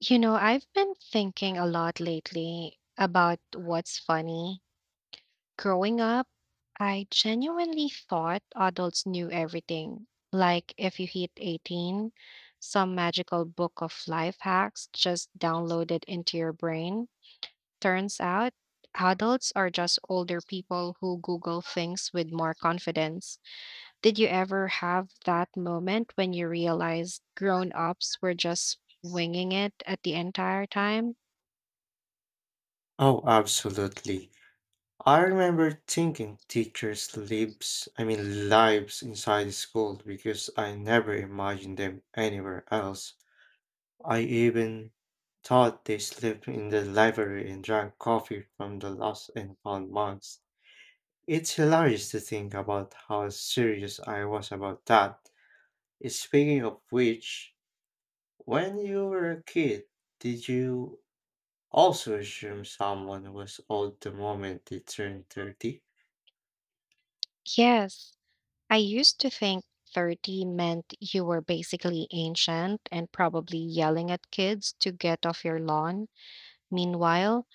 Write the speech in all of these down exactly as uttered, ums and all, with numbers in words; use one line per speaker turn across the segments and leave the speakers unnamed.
You know, I've been thinking a lot lately about what's funny. Growing up, I genuinely thought adults knew everything. Like, if you hit eighteen, some magical book of life hacks just downloaded into your brain. Turns out, adults are just older people who Google things with more confidence. Did you ever have that moment when you realized grown ups were just winging it at the entire time?
Oh, absolutely. I remember thinking teachers lives, I mean lives inside the school because I never imagined them anywhere else. I even thought they slept in the library and drank coffee from the lost and found mugs. It's hilarious to think about how serious I was about that. Speaking of which, when you were a kid, did you also assume someone was old the moment they turned thirty?
Yes, I used to think thirty meant you were basically ancient and probably yelling at kids to get off your lawn. Meanwhile,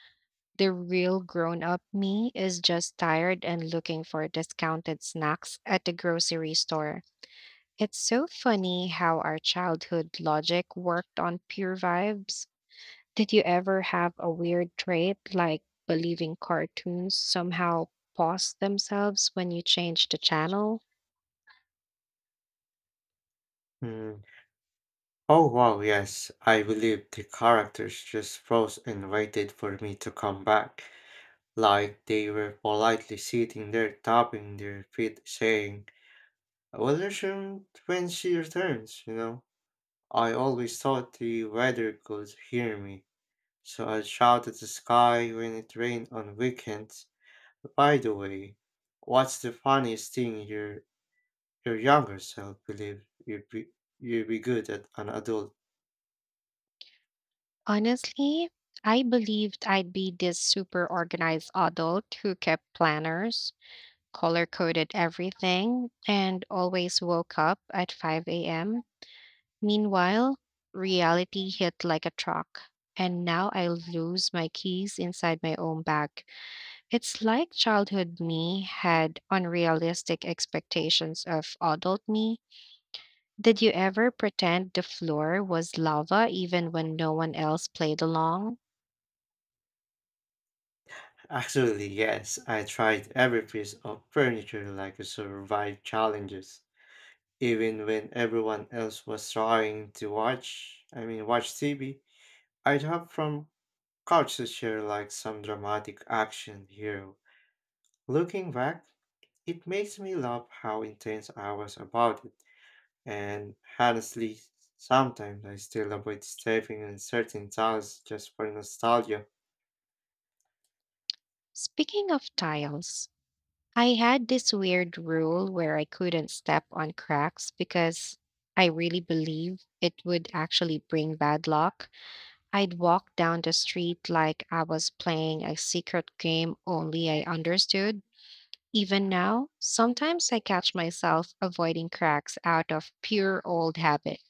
the real grown up me is just tired and looking for discounted snacks at the grocery store. It's so funny how our childhood logic worked on pure vibes. Did you ever have a weird trait like believing cartoons somehow paused themselves when you changed the channel?
Hmm. Oh wow, yes. I believe the characters just froze and waited for me to come back, like they were politely sitting there tapping their feet, saying, "We'll resume when she returns." You know, I always thought the weather could hear me, so I shout at the sky when it rained on weekends. By the way, what's the funniest thing your your younger self believe you'd be you'd be good at an adult?
Honestly, I believed I'd be this super organized adult who kept planners, color coded everything, and always woke up at five a m. Meanwhile, reality hit like a truck, and now I lose my keys inside my own bag. It's like childhood me had unrealistic expectations of adult me. Did you ever pretend the floor was lava even when no one else played along?
Actually, yes, I tried every piece of furniture like a survive challenges. Even when everyone else was trying to watch, I mean, watch T V, I'd hop from couch to chair like some dramatic action hero. Looking back, it makes me laugh how intense I was about it. And honestly, sometimes I still avoid stepping in certain tiles just for nostalgia.
Speaking of tiles, I had this weird rule where I couldn't step on cracks because I really believe it would actually bring bad luck. I'd walk down the street like I was playing a secret game only I understood. Even now, sometimes I catch myself avoiding cracks out of pure old habit.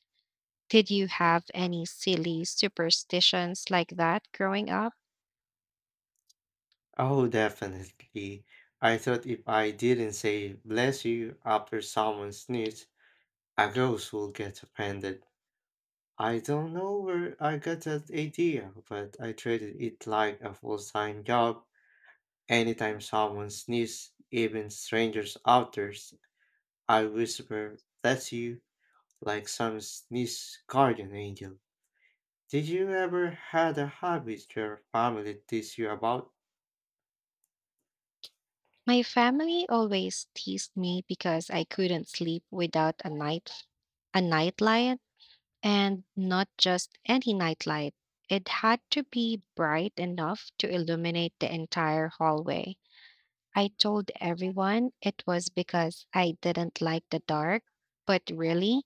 Did you have any silly superstitions like that growing up?
Oh, definitely. I thought if I didn't say bless you after someone sneezed, a ghost will get offended. I don't know where I got that idea, but I treated it like a full-time job. Anytime someone sneezes, even strangers out there, I whisper bless you like some sneeze guardian angel. Did you ever had a habit your family teased you about?
My family always teased me because I couldn't sleep without a night a nightlight, and not just any nightlight. It had to be bright enough to illuminate the entire hallway. I told everyone it was because I didn't like the dark, but really,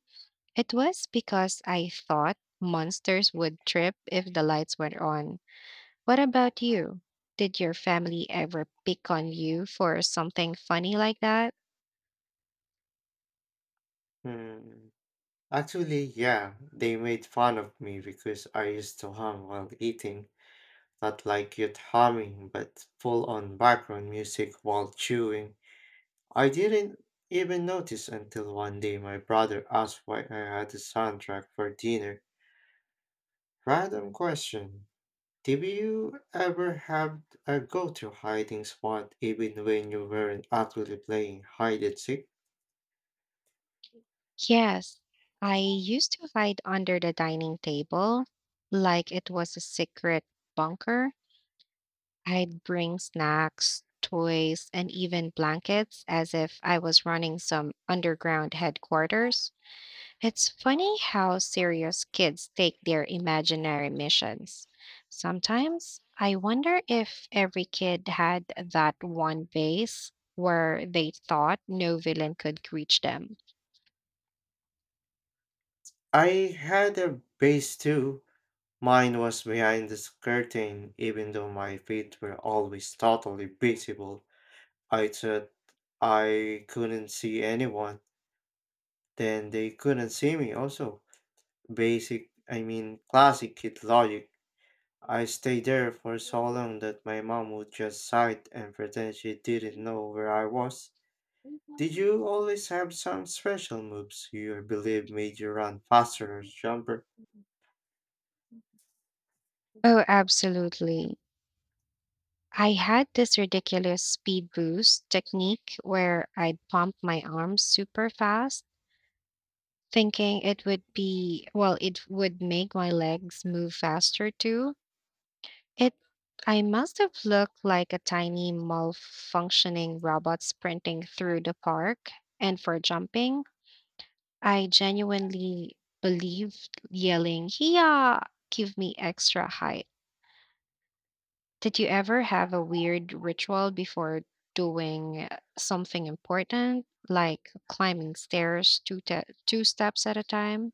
it was because I thought monsters would trip if the lights were on. What about you? Did your family ever pick on you for something funny like that?
Hmm. Actually, yeah, they made fun of me because I used to hum while eating. Not like cute humming, but full on background music while chewing. I didn't even notice until one day my brother asked why I had a soundtrack for dinner. Random question. Did you ever have a go to hiding spot even when you weren't actually playing hide and seek?
Yes, I used to hide under the dining table like it was a secret bunker. I'd bring snacks, toys, and even blankets as if I was running some underground headquarters. It's funny how serious kids take their imaginary missions. Sometimes I wonder if every kid had that one phase where they thought no villain could reach them.
I had a base too. Mine was behind this curtain, even though my feet were always totally visible. I thought I couldn't see anyone, then they couldn't see me also. Basic, I mean, classic kid logic. I stayed there for so long that my mom would just sigh and pretend she didn't know where I was. Did you always have some special moves you believe made you run faster or jump?
Oh, absolutely. I had this ridiculous speed boost technique where I'd pump my arms super fast, thinking it would be, well, it would make my legs move faster too. It I must have looked like a tiny malfunctioning robot sprinting through the park. And for jumping, I genuinely believed yelling, "Yeah, give me extra height." Did you ever have a weird ritual before doing uh, something important, like climbing stairs two te- two steps at a time?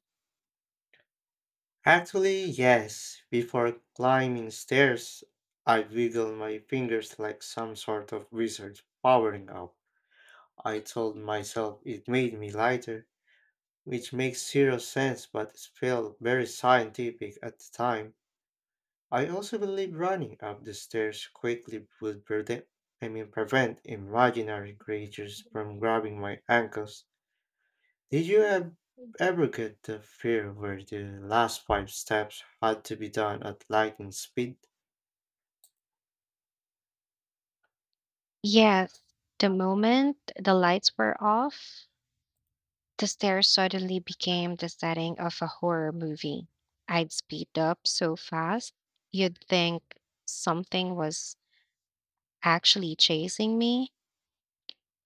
Actually, yes. Before climbing stairs, I wiggle my fingers like some sort of wizard powering up. I told myself it made me lighter, which makes zero sense but it felt very scientific at the time. I also believe running up the stairs quickly would prevent I mean prevent imaginary creatures from grabbing my ankles. Did you ev- ever get the fear where the last five steps had to be done at lightning speed?
Yes, the moment the lights were off, the stairs suddenly became the setting of a horror movie. I'd speed up so fast, you'd think something was actually chasing me.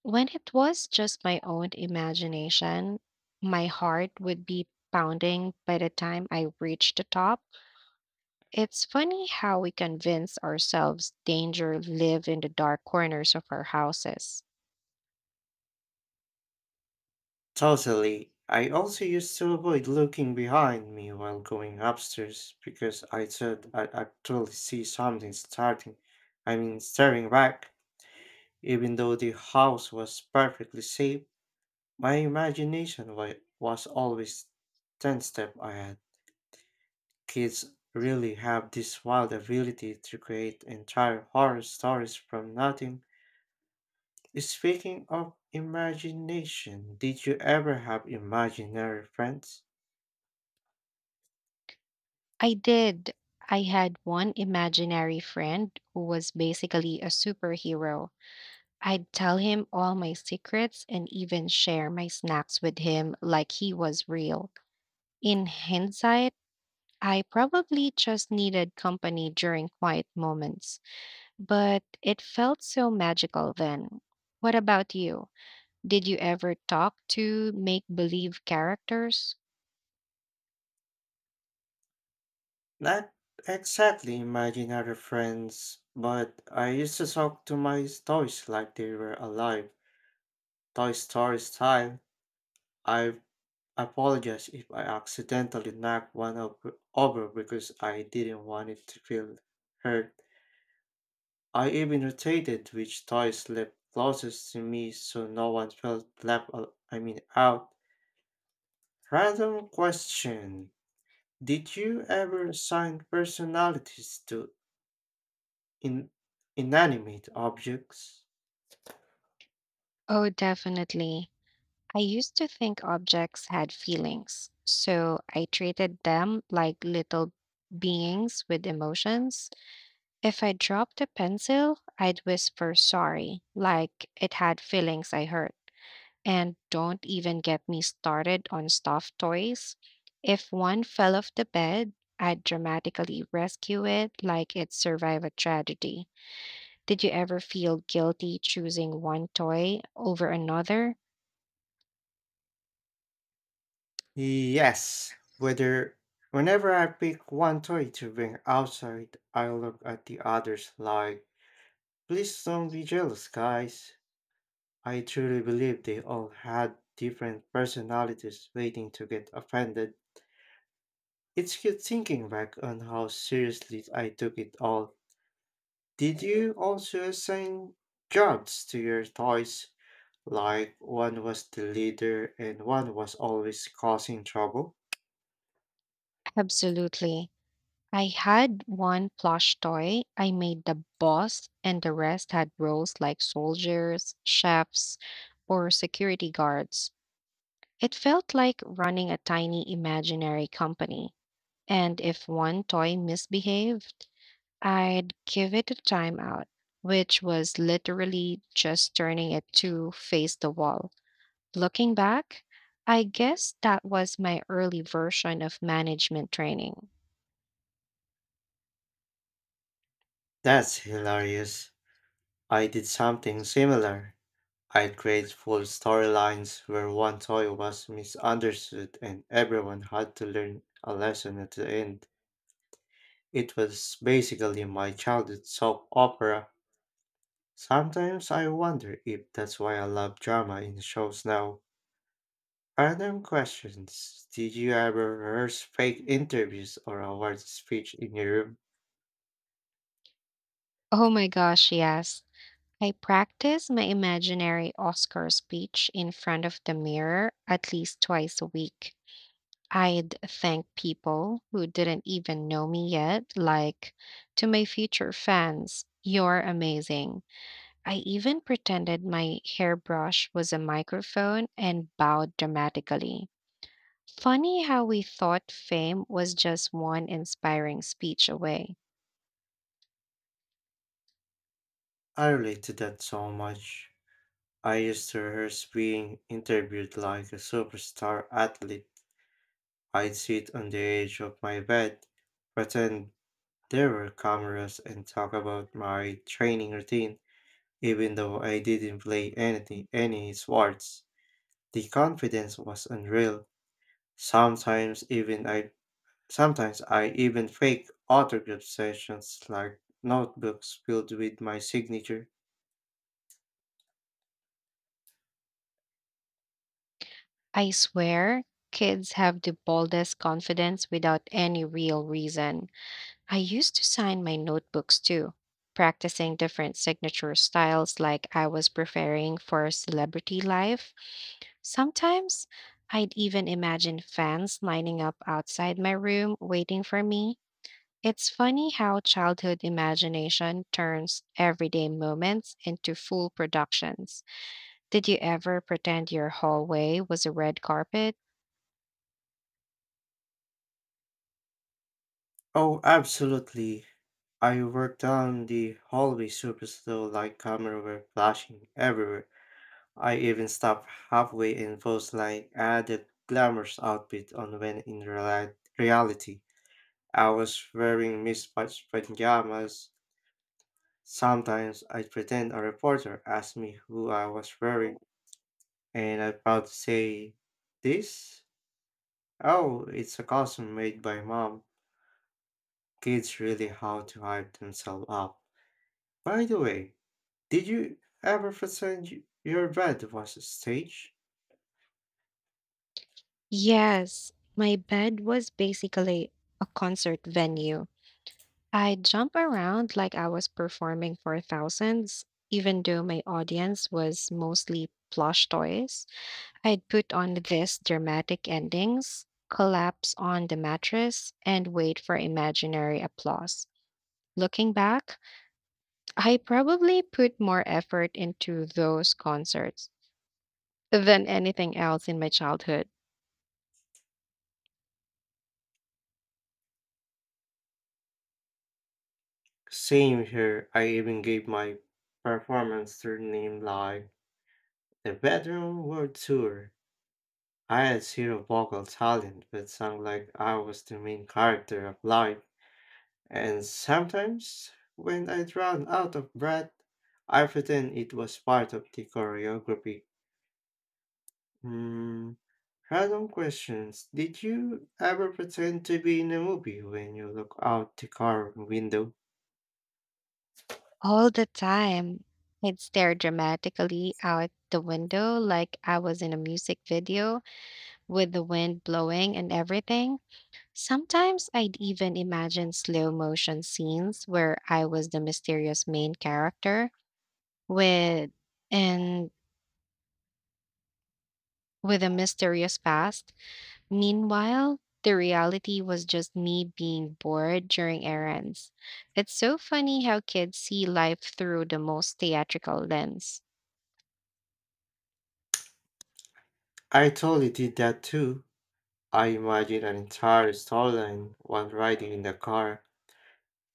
When it was just my own imagination, my heart would be pounding by the time I reached the top. It's funny how we convince ourselves danger live in the dark corners of our houses.
Totally. I also used to avoid looking behind me while going upstairs because I thought I'd actually see something starting. I mean, staring back. Even though the house was perfectly safe, my imagination wa- was always ten steps ahead. Kids really have this wild ability to create entire horror stories from nothing. Speaking of imagination, did you ever have imaginary friends?
I did. I had one imaginary friend who was basically a superhero. I'd tell him all my secrets and even share my snacks with him like he was real. In hindsight, I probably just needed company during quiet moments, but it felt so magical then. What about you? Did you ever talk to make believe characters?
Not exactly imaginary friends, but I used to talk to my toys like they were alive. Toy Story style. I apologize if I accidentally knocked one up over because I didn't want it to feel hurt. I even rotated which toy slept closest to me so no one felt left al- I mean out. Random question. Did you ever assign personalities to in inanimate objects?
Oh, definitely. I used to think objects had feelings, so I treated them like little beings with emotions. If I dropped a pencil, I'd whisper sorry, like it had feelings I hurt. And don't even get me started on stuffed toys. If one fell off the bed, I'd dramatically rescue it like it survived a tragedy. Did you ever feel guilty choosing one toy over another?
Yes, whether whenever I pick one toy to bring outside, I look at the others like, please don't be jealous, guys. I truly believe they all had different personalities waiting to get offended. It's good thinking back on how seriously I took it all. Did you also assign jobs to your toys? Like one was the leader and one was always causing trouble?
Absolutely. I had one plush toy I made the boss, and the rest had roles like soldiers, chefs, or security guards. It felt like running a tiny imaginary company. And if one toy misbehaved, I'd give it a timeout, which was literally just turning it to face the wall. Looking back, I guess that was my early version of management training.
That's hilarious. I did something similar. I'd create full storylines where one toy was misunderstood and everyone had to learn a lesson at the end. It was basically my childhood soap opera. Sometimes I wonder if that's why I love drama in shows now. Random questions. Did you ever rehearse fake interviews or award speech in your room?
Oh my gosh, yes. I practice my imaginary Oscar speech in front of the mirror at least twice a week. I'd thank people who didn't even know me yet, like, to my future fans, you're amazing. I even pretended my hairbrush was a microphone and bowed dramatically. Funny how we thought fame was just one inspiring speech away.
I relate to that so much. I used to rehearse being interviewed like a superstar athlete. I'd sit on the edge of my bed, pretend there were cameras and talk about my training routine, even though I didn't play anything any sports. The confidence was unreal. Sometimes even I sometimes I even fake autograph sessions like notebooks filled with my signature.
I swear, kids have the boldest confidence without any real reason. I used to sign my notebooks too, practicing different signature styles like I was preparing for celebrity life. Sometimes I'd even imagine fans lining up outside my room waiting for me. It's funny how childhood imagination turns everyday moments into full productions. Did you ever pretend your hallway was a red carpet?
Oh, absolutely. I worked down the hallway super slow like camera were flashing everywhere. I even stop halfway and pose like added glamorous outfit on when in reali- reality I was wearing mismatched pajamas. Sometimes I pretend a reporter asked me who I was wearing and I'm proud to say, "This? Oh, it's a costume made by mom." Kids really how to hype themselves up. By the way, did you ever pretend y- your bed was a stage?
Yes, my bed was basically a concert venue. I jump around like I was performing for thousands, even though my audience was mostly plush toys. I'd put on these dramatic endings, collapse on the mattress, and wait for imaginary applause. Looking back, I probably put more effort into those concerts than anything else in my childhood.
Same here, I even gave my performance their name like the Bedroom World Tour. I had zero vocal talent but sang like I was the main character of life. And sometimes, when I run out of breath, I pretend it was part of the choreography. Mm, random questions. Did you ever pretend to be in a movie when you look out the car window?
All the time. I'd stare dramatically out the window like I was in a music video with the wind blowing and everything. Sometimes I'd even imagine slow motion scenes where I was the mysterious main character with and with a mysterious past. Meanwhile, the reality was just me being bored during errands. It's so funny how kids see life through the most theatrical lens.
I totally did that too. I imagine an entire storyline while riding in the car.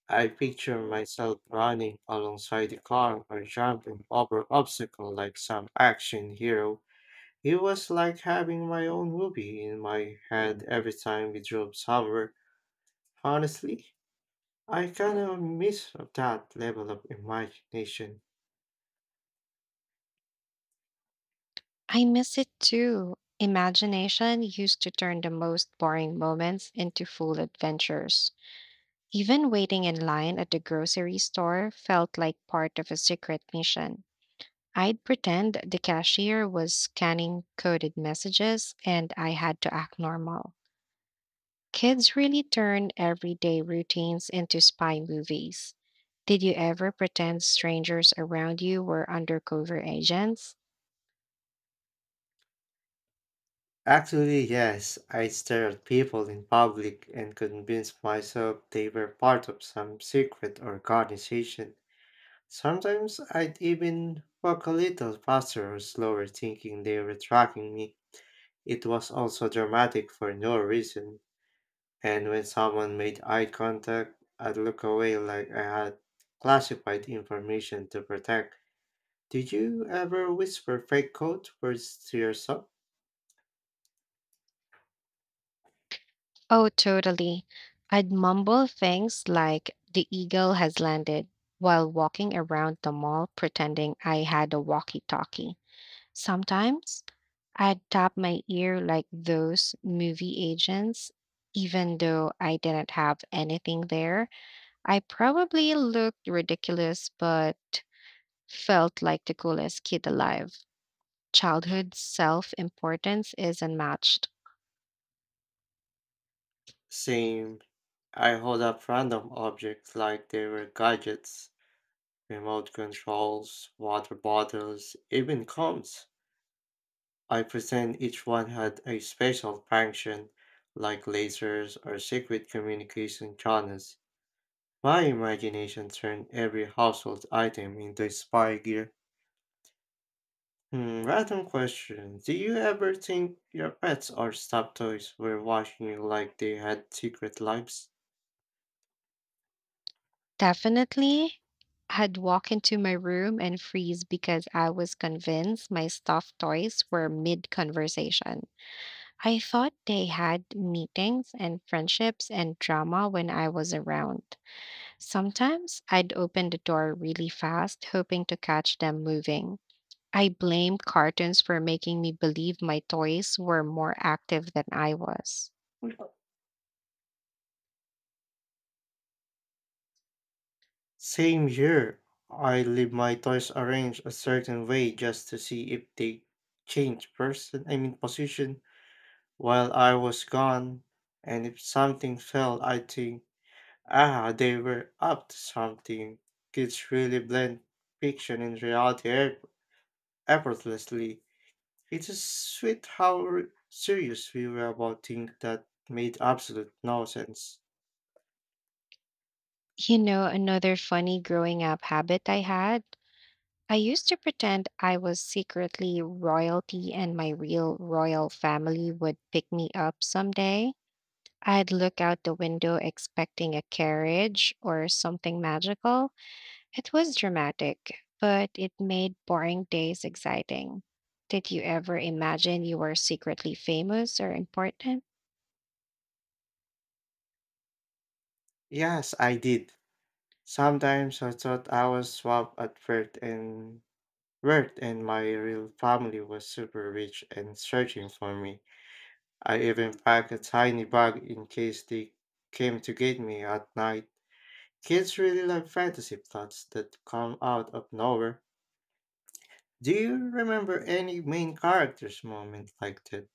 I picture myself running alongside the car or jumping over obstacles like some action hero. It was like having my own movie in my head every time we drove somewhere. Honestly, I kind of miss that level of imagination.
I miss it too. Imagination used to turn the most boring moments into full adventures. Even waiting in line at the grocery store felt like part of a secret mission. I'd pretend the cashier was scanning coded messages and I had to act normal. Kids really turn everyday routines into spy movies. Did you ever pretend strangers around you were undercover agents?
Actually, yes, I stared at people in public and convinced myself they were part of some secret organization. Sometimes I'd even walk a little faster or slower, thinking they were tracking me. It was also dramatic for no reason. And when someone made eye contact, I'd look away like I had classified information to protect. Did you ever whisper fake code words to yourself?
Oh, totally. I'd mumble things like, the eagle has landed, while walking around the mall pretending I had a walkie-talkie. Sometimes I'd tap my ear like those movie agents, even though I didn't have anything there. I probably looked ridiculous, but felt like the coolest kid alive. Childhood self-importance is unmatched.
Same. I hold up random objects like they were gadgets, remote controls, water bottles, even combs. I pretend each one had a special function, like lasers or secret communication channels. My imagination turned every household item into spy gear. Hmm, random question. Do you ever think your pets or stuffed toys were watching you like they had secret lives?
Definitely. I'd walk into my room and freeze because I was convinced my stuffed toys were mid conversation. I thought they had meetings and friendships and drama when I was around. Sometimes I'd open the door really fast, hoping to catch them moving. I blamed cartoons for making me believe my toys were more active than I was.
Well, Same here. I leave my toys arranged a certain way just to see if they change person, I mean position, while I was gone. And if something fell, I think, "Ah, they were up to something." Kids really blend fiction and reality eff- effortlessly. It is sweet how r- serious we were about things that made absolute no sense.
You know, another funny growing up habit I had, I used to pretend I was secretly royalty and my real royal family would pick me up someday. I'd look out the window expecting a carriage or something magical. It was dramatic, but it made boring days exciting. Did you ever imagine you were secretly famous or important?
Yes, I did. Sometimes I thought I was swab at first and worked and my real family was super rich and searching for me. I even packed a tiny bag in case they came to get me at night. Kids really love fantasy plots that come out of nowhere. Do you remember any main character's moment like that?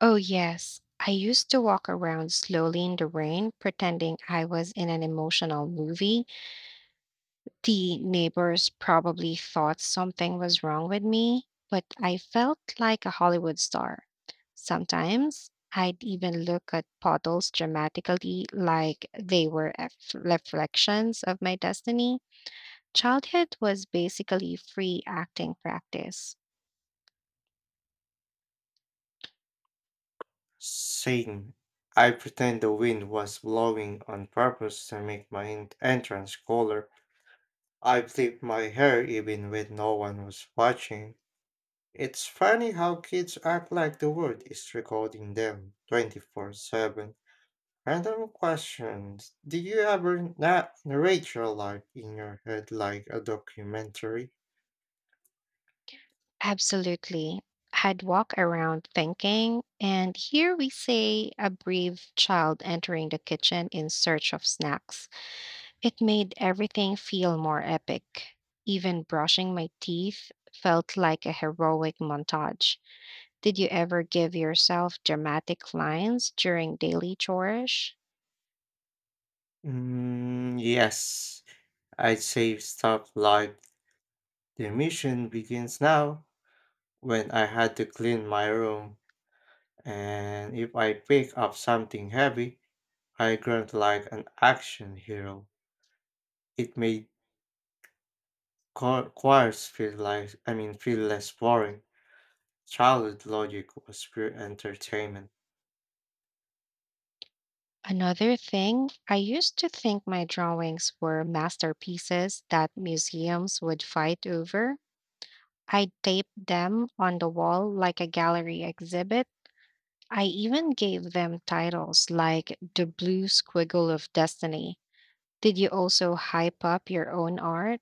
Oh, yes. I used to walk around slowly in the rain, pretending I was in an emotional movie. The neighbors probably thought something was wrong with me, but I felt like a Hollywood star. Sometimes I'd even look at puddles dramatically like they were eff- reflections of my destiny. Childhood was basically free acting practice.
Same. I pretend the wind was blowing on purpose to make my en- entrance cooler. I flipped my hair even when no one was watching. It's funny how kids act like the world is recording them twenty-four seven. Random questions. Do you ever na- narrate your life in your head like a documentary?
Absolutely. I'd walk around thinking, and here we say a brave child entering the kitchen in search of snacks. It made everything feel more epic. Even brushing my teeth felt like a heroic montage. Did you ever give yourself dramatic lines during daily chores?
Mm, yes, I'd say stuff like the mission begins now when I had to clean my room, and if I pick up something heavy, I grunt like an action hero. It made cho- chores feel like, I mean, feel less boring. Childhood logic was pure entertainment.
Another thing, I used to think my drawings were masterpieces that museums would fight over. I taped them on the wall like a gallery exhibit. I even gave them titles like The Blue Squiggle of Destiny. Did you also hype up your own art?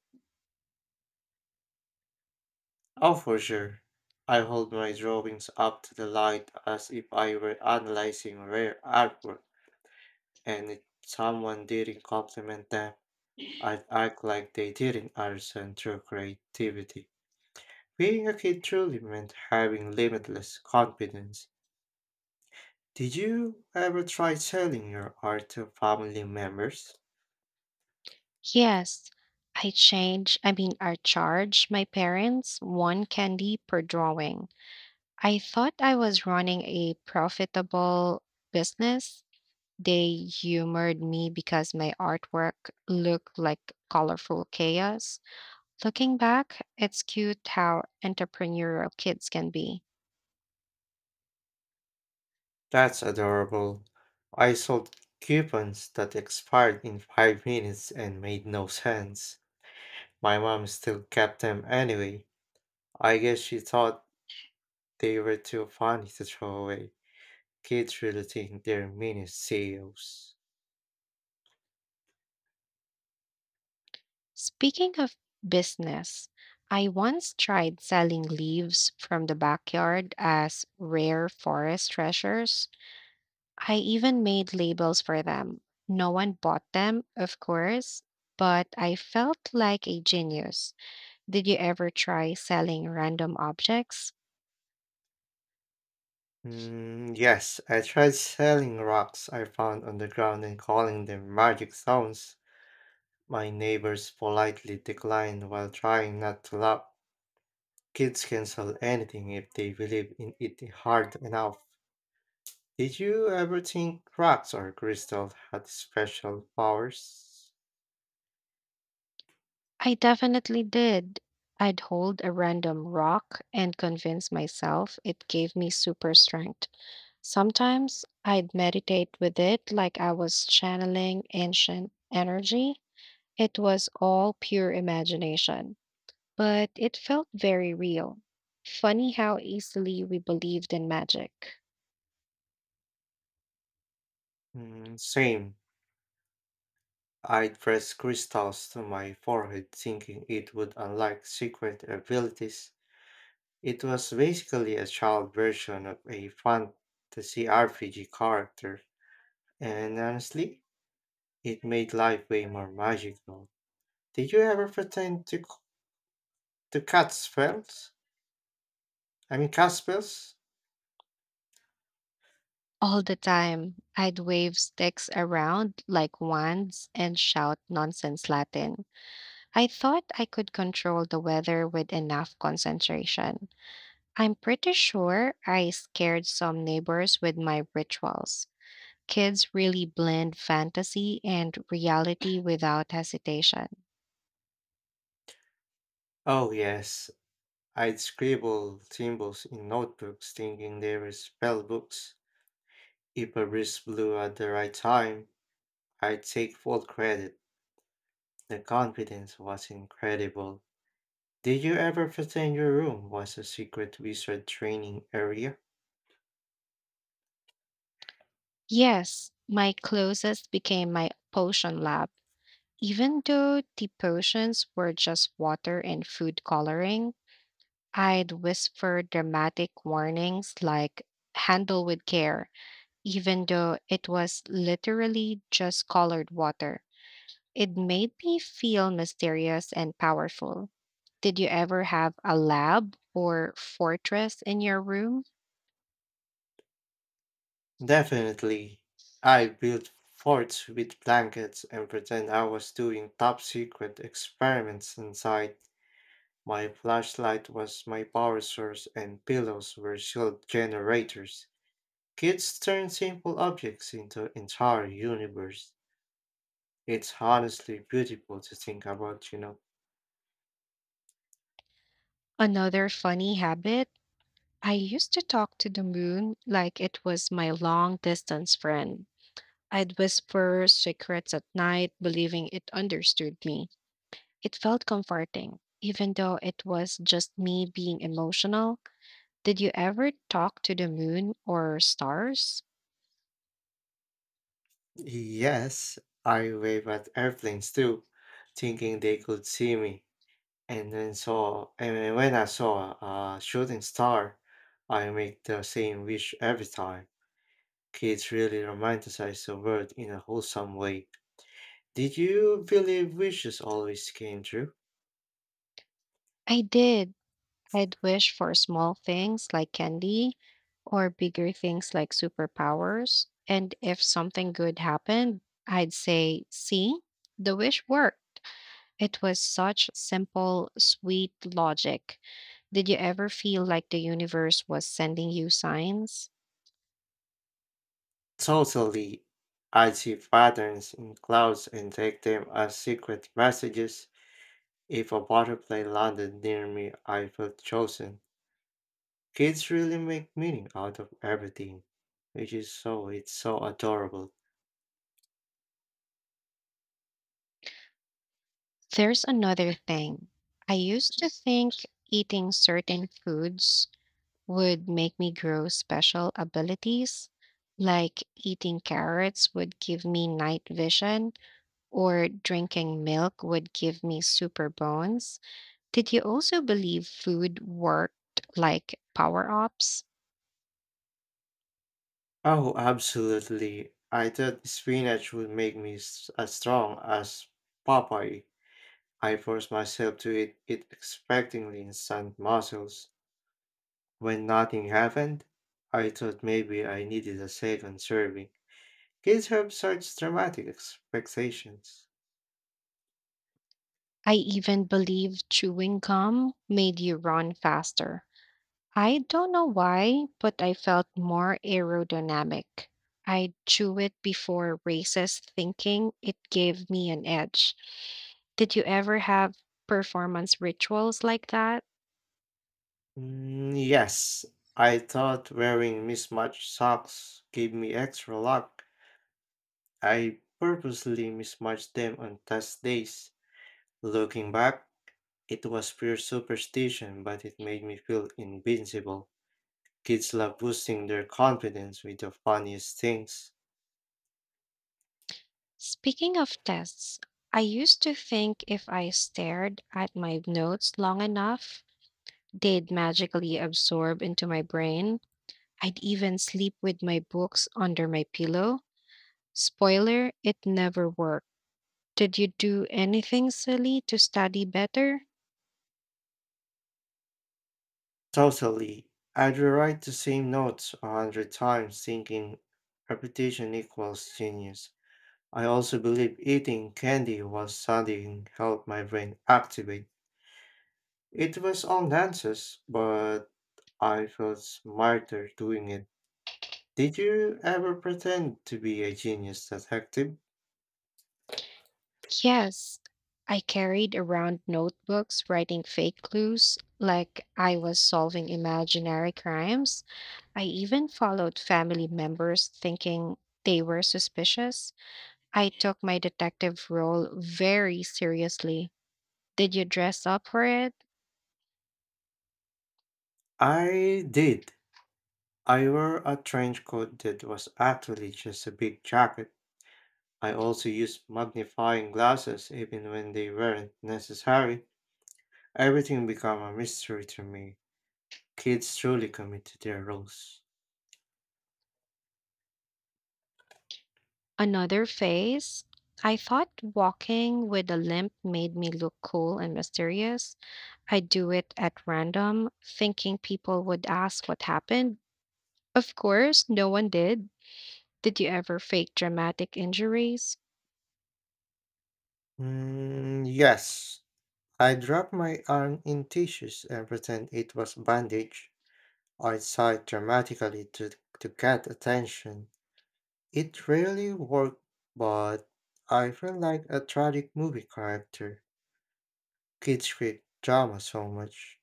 Oh, for sure. I hold my drawings up to the light as if I were analyzing rare artwork. And if someone didn't compliment them, I'd act like they didn't understand their creativity. Being a kid truly meant having limitless confidence. Did you ever try selling your art to family members?
Yes, I change, I mean, I charge my parents one candy per drawing. I thought I was running a profitable business. They humored me because my artwork looked like colorful chaos. Looking back, it's cute how entrepreneurial kids can be.
That's adorable. I sold coupons that expired in five minutes and made no sense. My mom still kept them anyway. I guess she thought they were too funny to throw away. Kids really think they're mini C E Os.
Speaking of business, I once tried selling leaves from the backyard as rare forest treasures. I even made labels for them. No one bought them, of course, but I felt like a genius. Did you ever try selling random objects?
Mm, yes, I tried selling rocks I found on the ground and calling them magic stones. My neighbors politely declined while trying not to laugh. Kids can sell anything if they believe in it hard enough. Did you ever think rocks or crystals had special powers?
I definitely did. I'd hold a random rock and convince myself it gave me super strength. Sometimes I'd meditate with it like I was channeling ancient energy. It was all pure imagination, but it felt very real. Funny how easily we believed in magic.
Mm, same. I'd press crystals to my forehead thinking it would unlock secret abilities. It was basically a child version of a fantasy R P G character, and honestly, it made life way more magical. Did you ever pretend to c- to cast spells? I mean, cast spells?
All the time, I'd wave sticks around like wands and shout nonsense Latin. I thought I could control the weather with enough concentration. I'm pretty sure I scared some neighbors with my rituals. Kids really blend fantasy and reality without hesitation.
Oh yes, I'd scribble symbols in notebooks, thinking they were spell books. If a breeze blew at the right time, I'd take full credit. The confidence was incredible. Did you ever pretend your room was a secret wizard training area?
Yes, my closest became my potion lab. Even though the potions were just water and food coloring, I'd whisper dramatic warnings like handle with care, even though it was literally just colored water. It made me feel mysterious and powerful. Did you ever have a lab or fortress in your room?
Definitely. I built forts with blankets and pretend I was doing top secret experiments inside. My flashlight was my power source and pillows were shield generators. Kids turn simple objects into entire universe. It's honestly beautiful to think about, you know.
Another funny habit I used to talk to the moon like it was my long distance friend. I'd whisper secrets at night, believing it understood me. It felt comforting, even though it was just me being emotional. Did you ever talk to the moon or stars?
Yes, I wave at airplanes too, thinking they could see me. And then so, and then when I saw a shooting star, I make the same wish every time. Kids really romanticize the world in a wholesome way. Did you believe wishes always came true?
I did. I'd wish for small things like candy or bigger things like superpowers. And if something good happened, I'd say, see, the wish worked. It was such simple, sweet logic. Did you ever feel like the universe was sending you signs?
Totally. I see patterns in clouds and take them as secret messages. If a butterfly landed near me, I felt chosen. Kids really make meaning out of everything, which is so, it's so adorable.
There's another thing. I used to think eating certain foods would make me grow special abilities, like eating carrots would give me night vision, or drinking milk would give me super bones. Did you also believe food worked like power ups?
Oh, absolutely. I thought spinach would make me s- as strong as Popeye. I forced myself to eat it expectingly instant muscles. When nothing happened, I thought maybe I needed a second serving. Kids have such dramatic expectations.
I even believe chewing gum made you run faster. I don't know why, but I felt more aerodynamic. I drew it before races thinking it gave me an edge. Did you ever have performance rituals like that?
Mm, yes, I thought wearing mismatched socks gave me extra luck. I purposely mismatched them on test days. Looking back, it was pure superstition, but it made me feel invincible. Kids love boosting their confidence with the funniest things.
Speaking of tests, I used to think if I stared at my notes long enough, they'd magically absorb into my brain. I'd even sleep with my books under my pillow. Spoiler, it never worked. Did you do anything silly to study better?
Totally. I'd rewrite the same notes a hundred times thinking repetition equals genius. I also believe eating candy while studying helped my brain activate. It was all nonsense, but I felt smarter doing it. Did you ever pretend to be a genius detective?
Yes. I carried around notebooks writing fake clues like I was solving imaginary crimes. I even followed family members thinking they were suspicious. I took my detective role very seriously. Did you dress up for it?
I did. I wore a trench coat that was actually just a big jacket. I also used magnifying glasses even when they weren't necessary. Everything became a mystery to me. Kids truly commit to their roles.
Another phase, I thought walking with a limp made me look cool and mysterious. I'd do it at random, thinking people would ask what happened. Of course, no one did. Did you ever fake dramatic injuries?
Mm, yes, I dropped my arm in tissues and pretend it was bandage. I sighed dramatically to, to get attention. It really worked, but I felt like a tragic movie character. Kids create drama so much.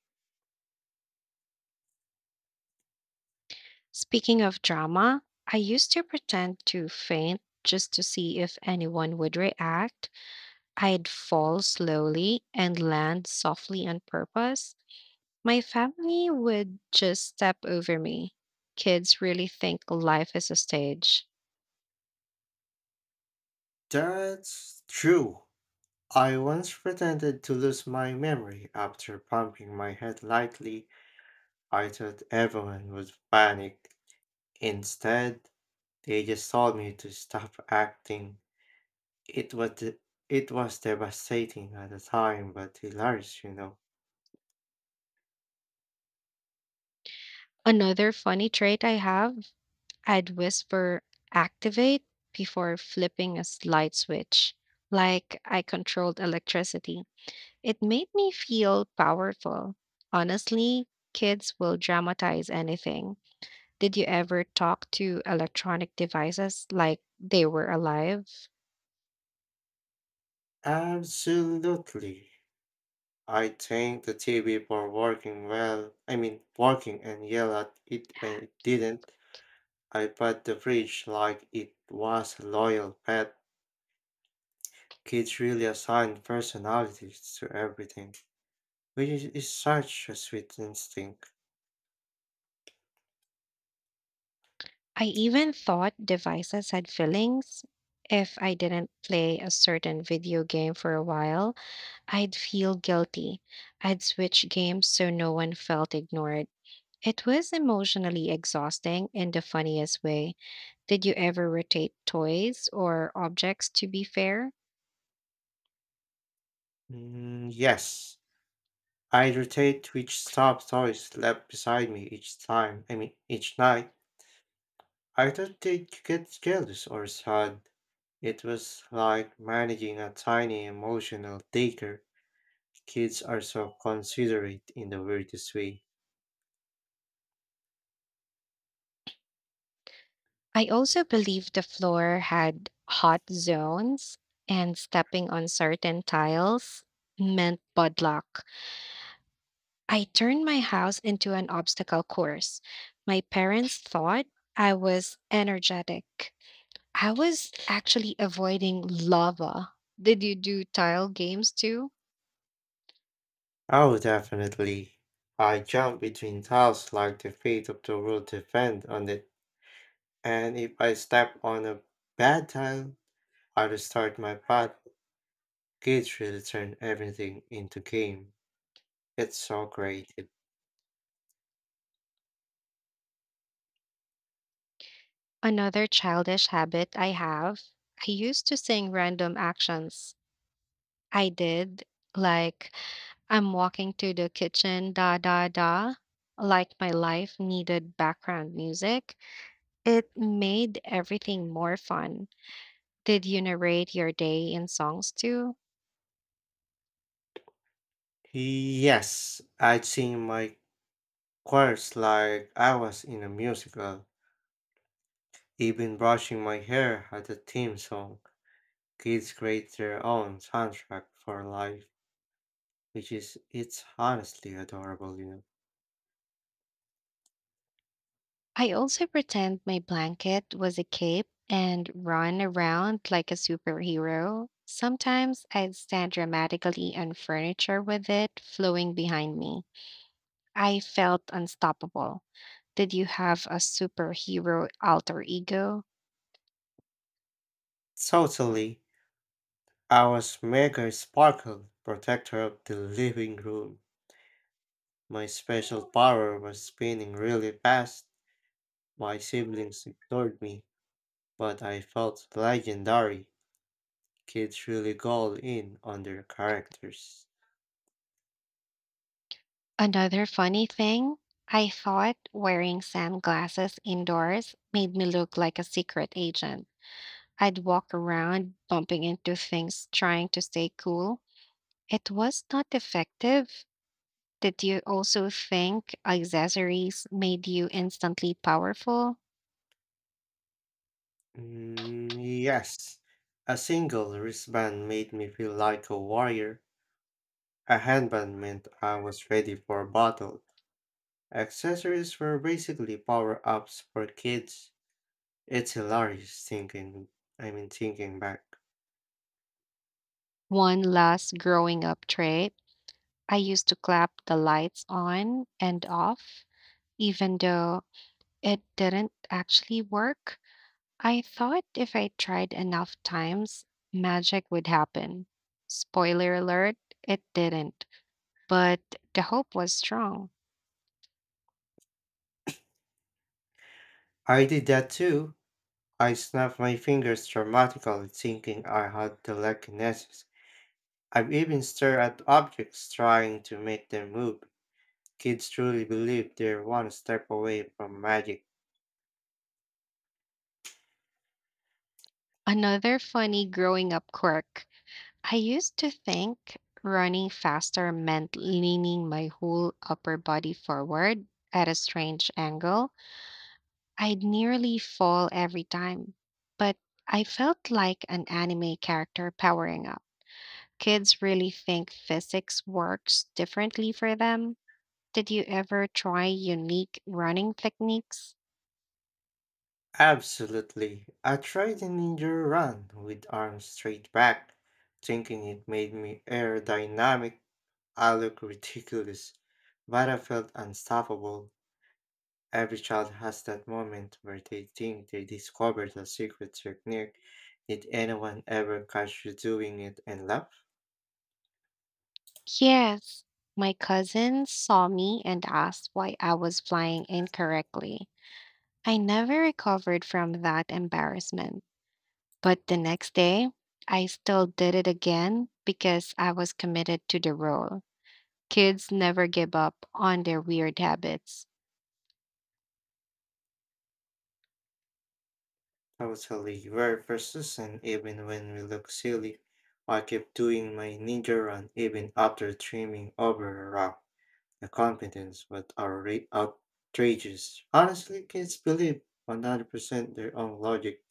Speaking of drama, I used to pretend to faint just to see if anyone would react. I'd fall slowly and land softly on purpose. My family would just step over me. Kids really think life is a stage.
That's true. I once pretended to lose my memory after pumping my head lightly. I thought everyone would panic. Instead, they just told me to stop acting. It was de- it was devastating at the time, but hilarious, you know.
Another funny trait I have, I'd whisper activate before flipping a light switch, like I controlled electricity. It made me feel powerful. Honestly, kids will dramatize anything. Did you ever talk to electronic devices like they were alive?
Absolutely. I thank the T V for working well. I mean, working and yell at it when it didn't. I pet the fridge like it was a loyal pet. Kids really assign personalities to everything, which is is such a sweet instinct.
I even thought devices had feelings. If I didn't play a certain video game for a while, I'd feel guilty. I'd switch games so no one felt ignored. It was emotionally exhausting in the funniest way. Did you ever rotate toys or objects to be fair?
Mm, yes, I rotate which stuffed toys left beside me each time, I mean, each night. I thought they'd get jealous or sad. It was like managing a tiny emotional daycare. Kids are so considerate in the weirdest way.
I also believe the floor had hot zones, and stepping on certain tiles meant bad luck. I turned my house into an obstacle course. My parents thought I was energetic. I was actually avoiding lava. Did you do tile games too?
Oh, definitely. I jump between tiles like the fate of the world depend on it. And if I step on a bad tile, I restart my path. Kids really turn everything into game. It's so creative.
Another childish habit I have. I used to sing random actions. I did, like, I'm walking to the kitchen, da da da, like my life needed background music. It made everything more fun. Did you narrate your day in songs too?
Yes, I'd sing my chorus like I was in a musical. Even brushing my hair had a theme song. Kids create their own soundtrack for life, which is it's honestly adorable, you know.
I also pretend my blanket was a cape and run around like a superhero. Sometimes I'd stand dramatically on furniture with it flowing behind me. I felt unstoppable. Did you have a superhero alter ego?
Totally. Our maker sparkled, protector of the living room. My special power was spinning really fast. My siblings ignored me, but I felt legendary. Kids really go all in on their characters.
Another funny thing, I thought wearing sunglasses indoors made me look like a secret agent. I'd walk around bumping into things trying to stay cool. It was not effective. Did you also think accessories made you instantly powerful?
Mm, yes, a single wristband made me feel like a warrior. A handband meant I was ready for battle. Accessories were basically power ups for kids. It's hilarious thinking, I mean, thinking back.
One last growing up trait I used to clap the lights on and off, even though it didn't actually work. I thought if I tried enough times, magic would happen. Spoiler alert, it didn't, but the hope was strong.
I did that too. I snapped my fingers dramatically, thinking I had telekinesis. I've even stared at objects trying to make them move. Kids truly believe they're one step away from magic.
Another funny growing up quirk. I used to think running faster meant leaning my whole upper body forward at a strange angle. I'd nearly fall every time, but I felt like an anime character powering up. Kids really think physics works differently for them. Did you ever try unique running techniques?
Absolutely. I tried a ninja run with arms straight back, thinking it made me aerodynamic. I look ridiculous, but I felt unstoppable. Every child has that moment where they think they discovered a secret technique. Did anyone ever catch you doing it and laugh?
Yes. My cousin saw me and asked why I was flying incorrectly. I never recovered from that embarrassment, but the next day, I still did it again because I was committed to the role. Kids never give up on their weird habits.
Totally, we're persistent even when we look silly. I kept doing my ninja run even after trimming over a rock. The confidence was outra- outrageous. Honestly, kids believe one hundred percent their own logic.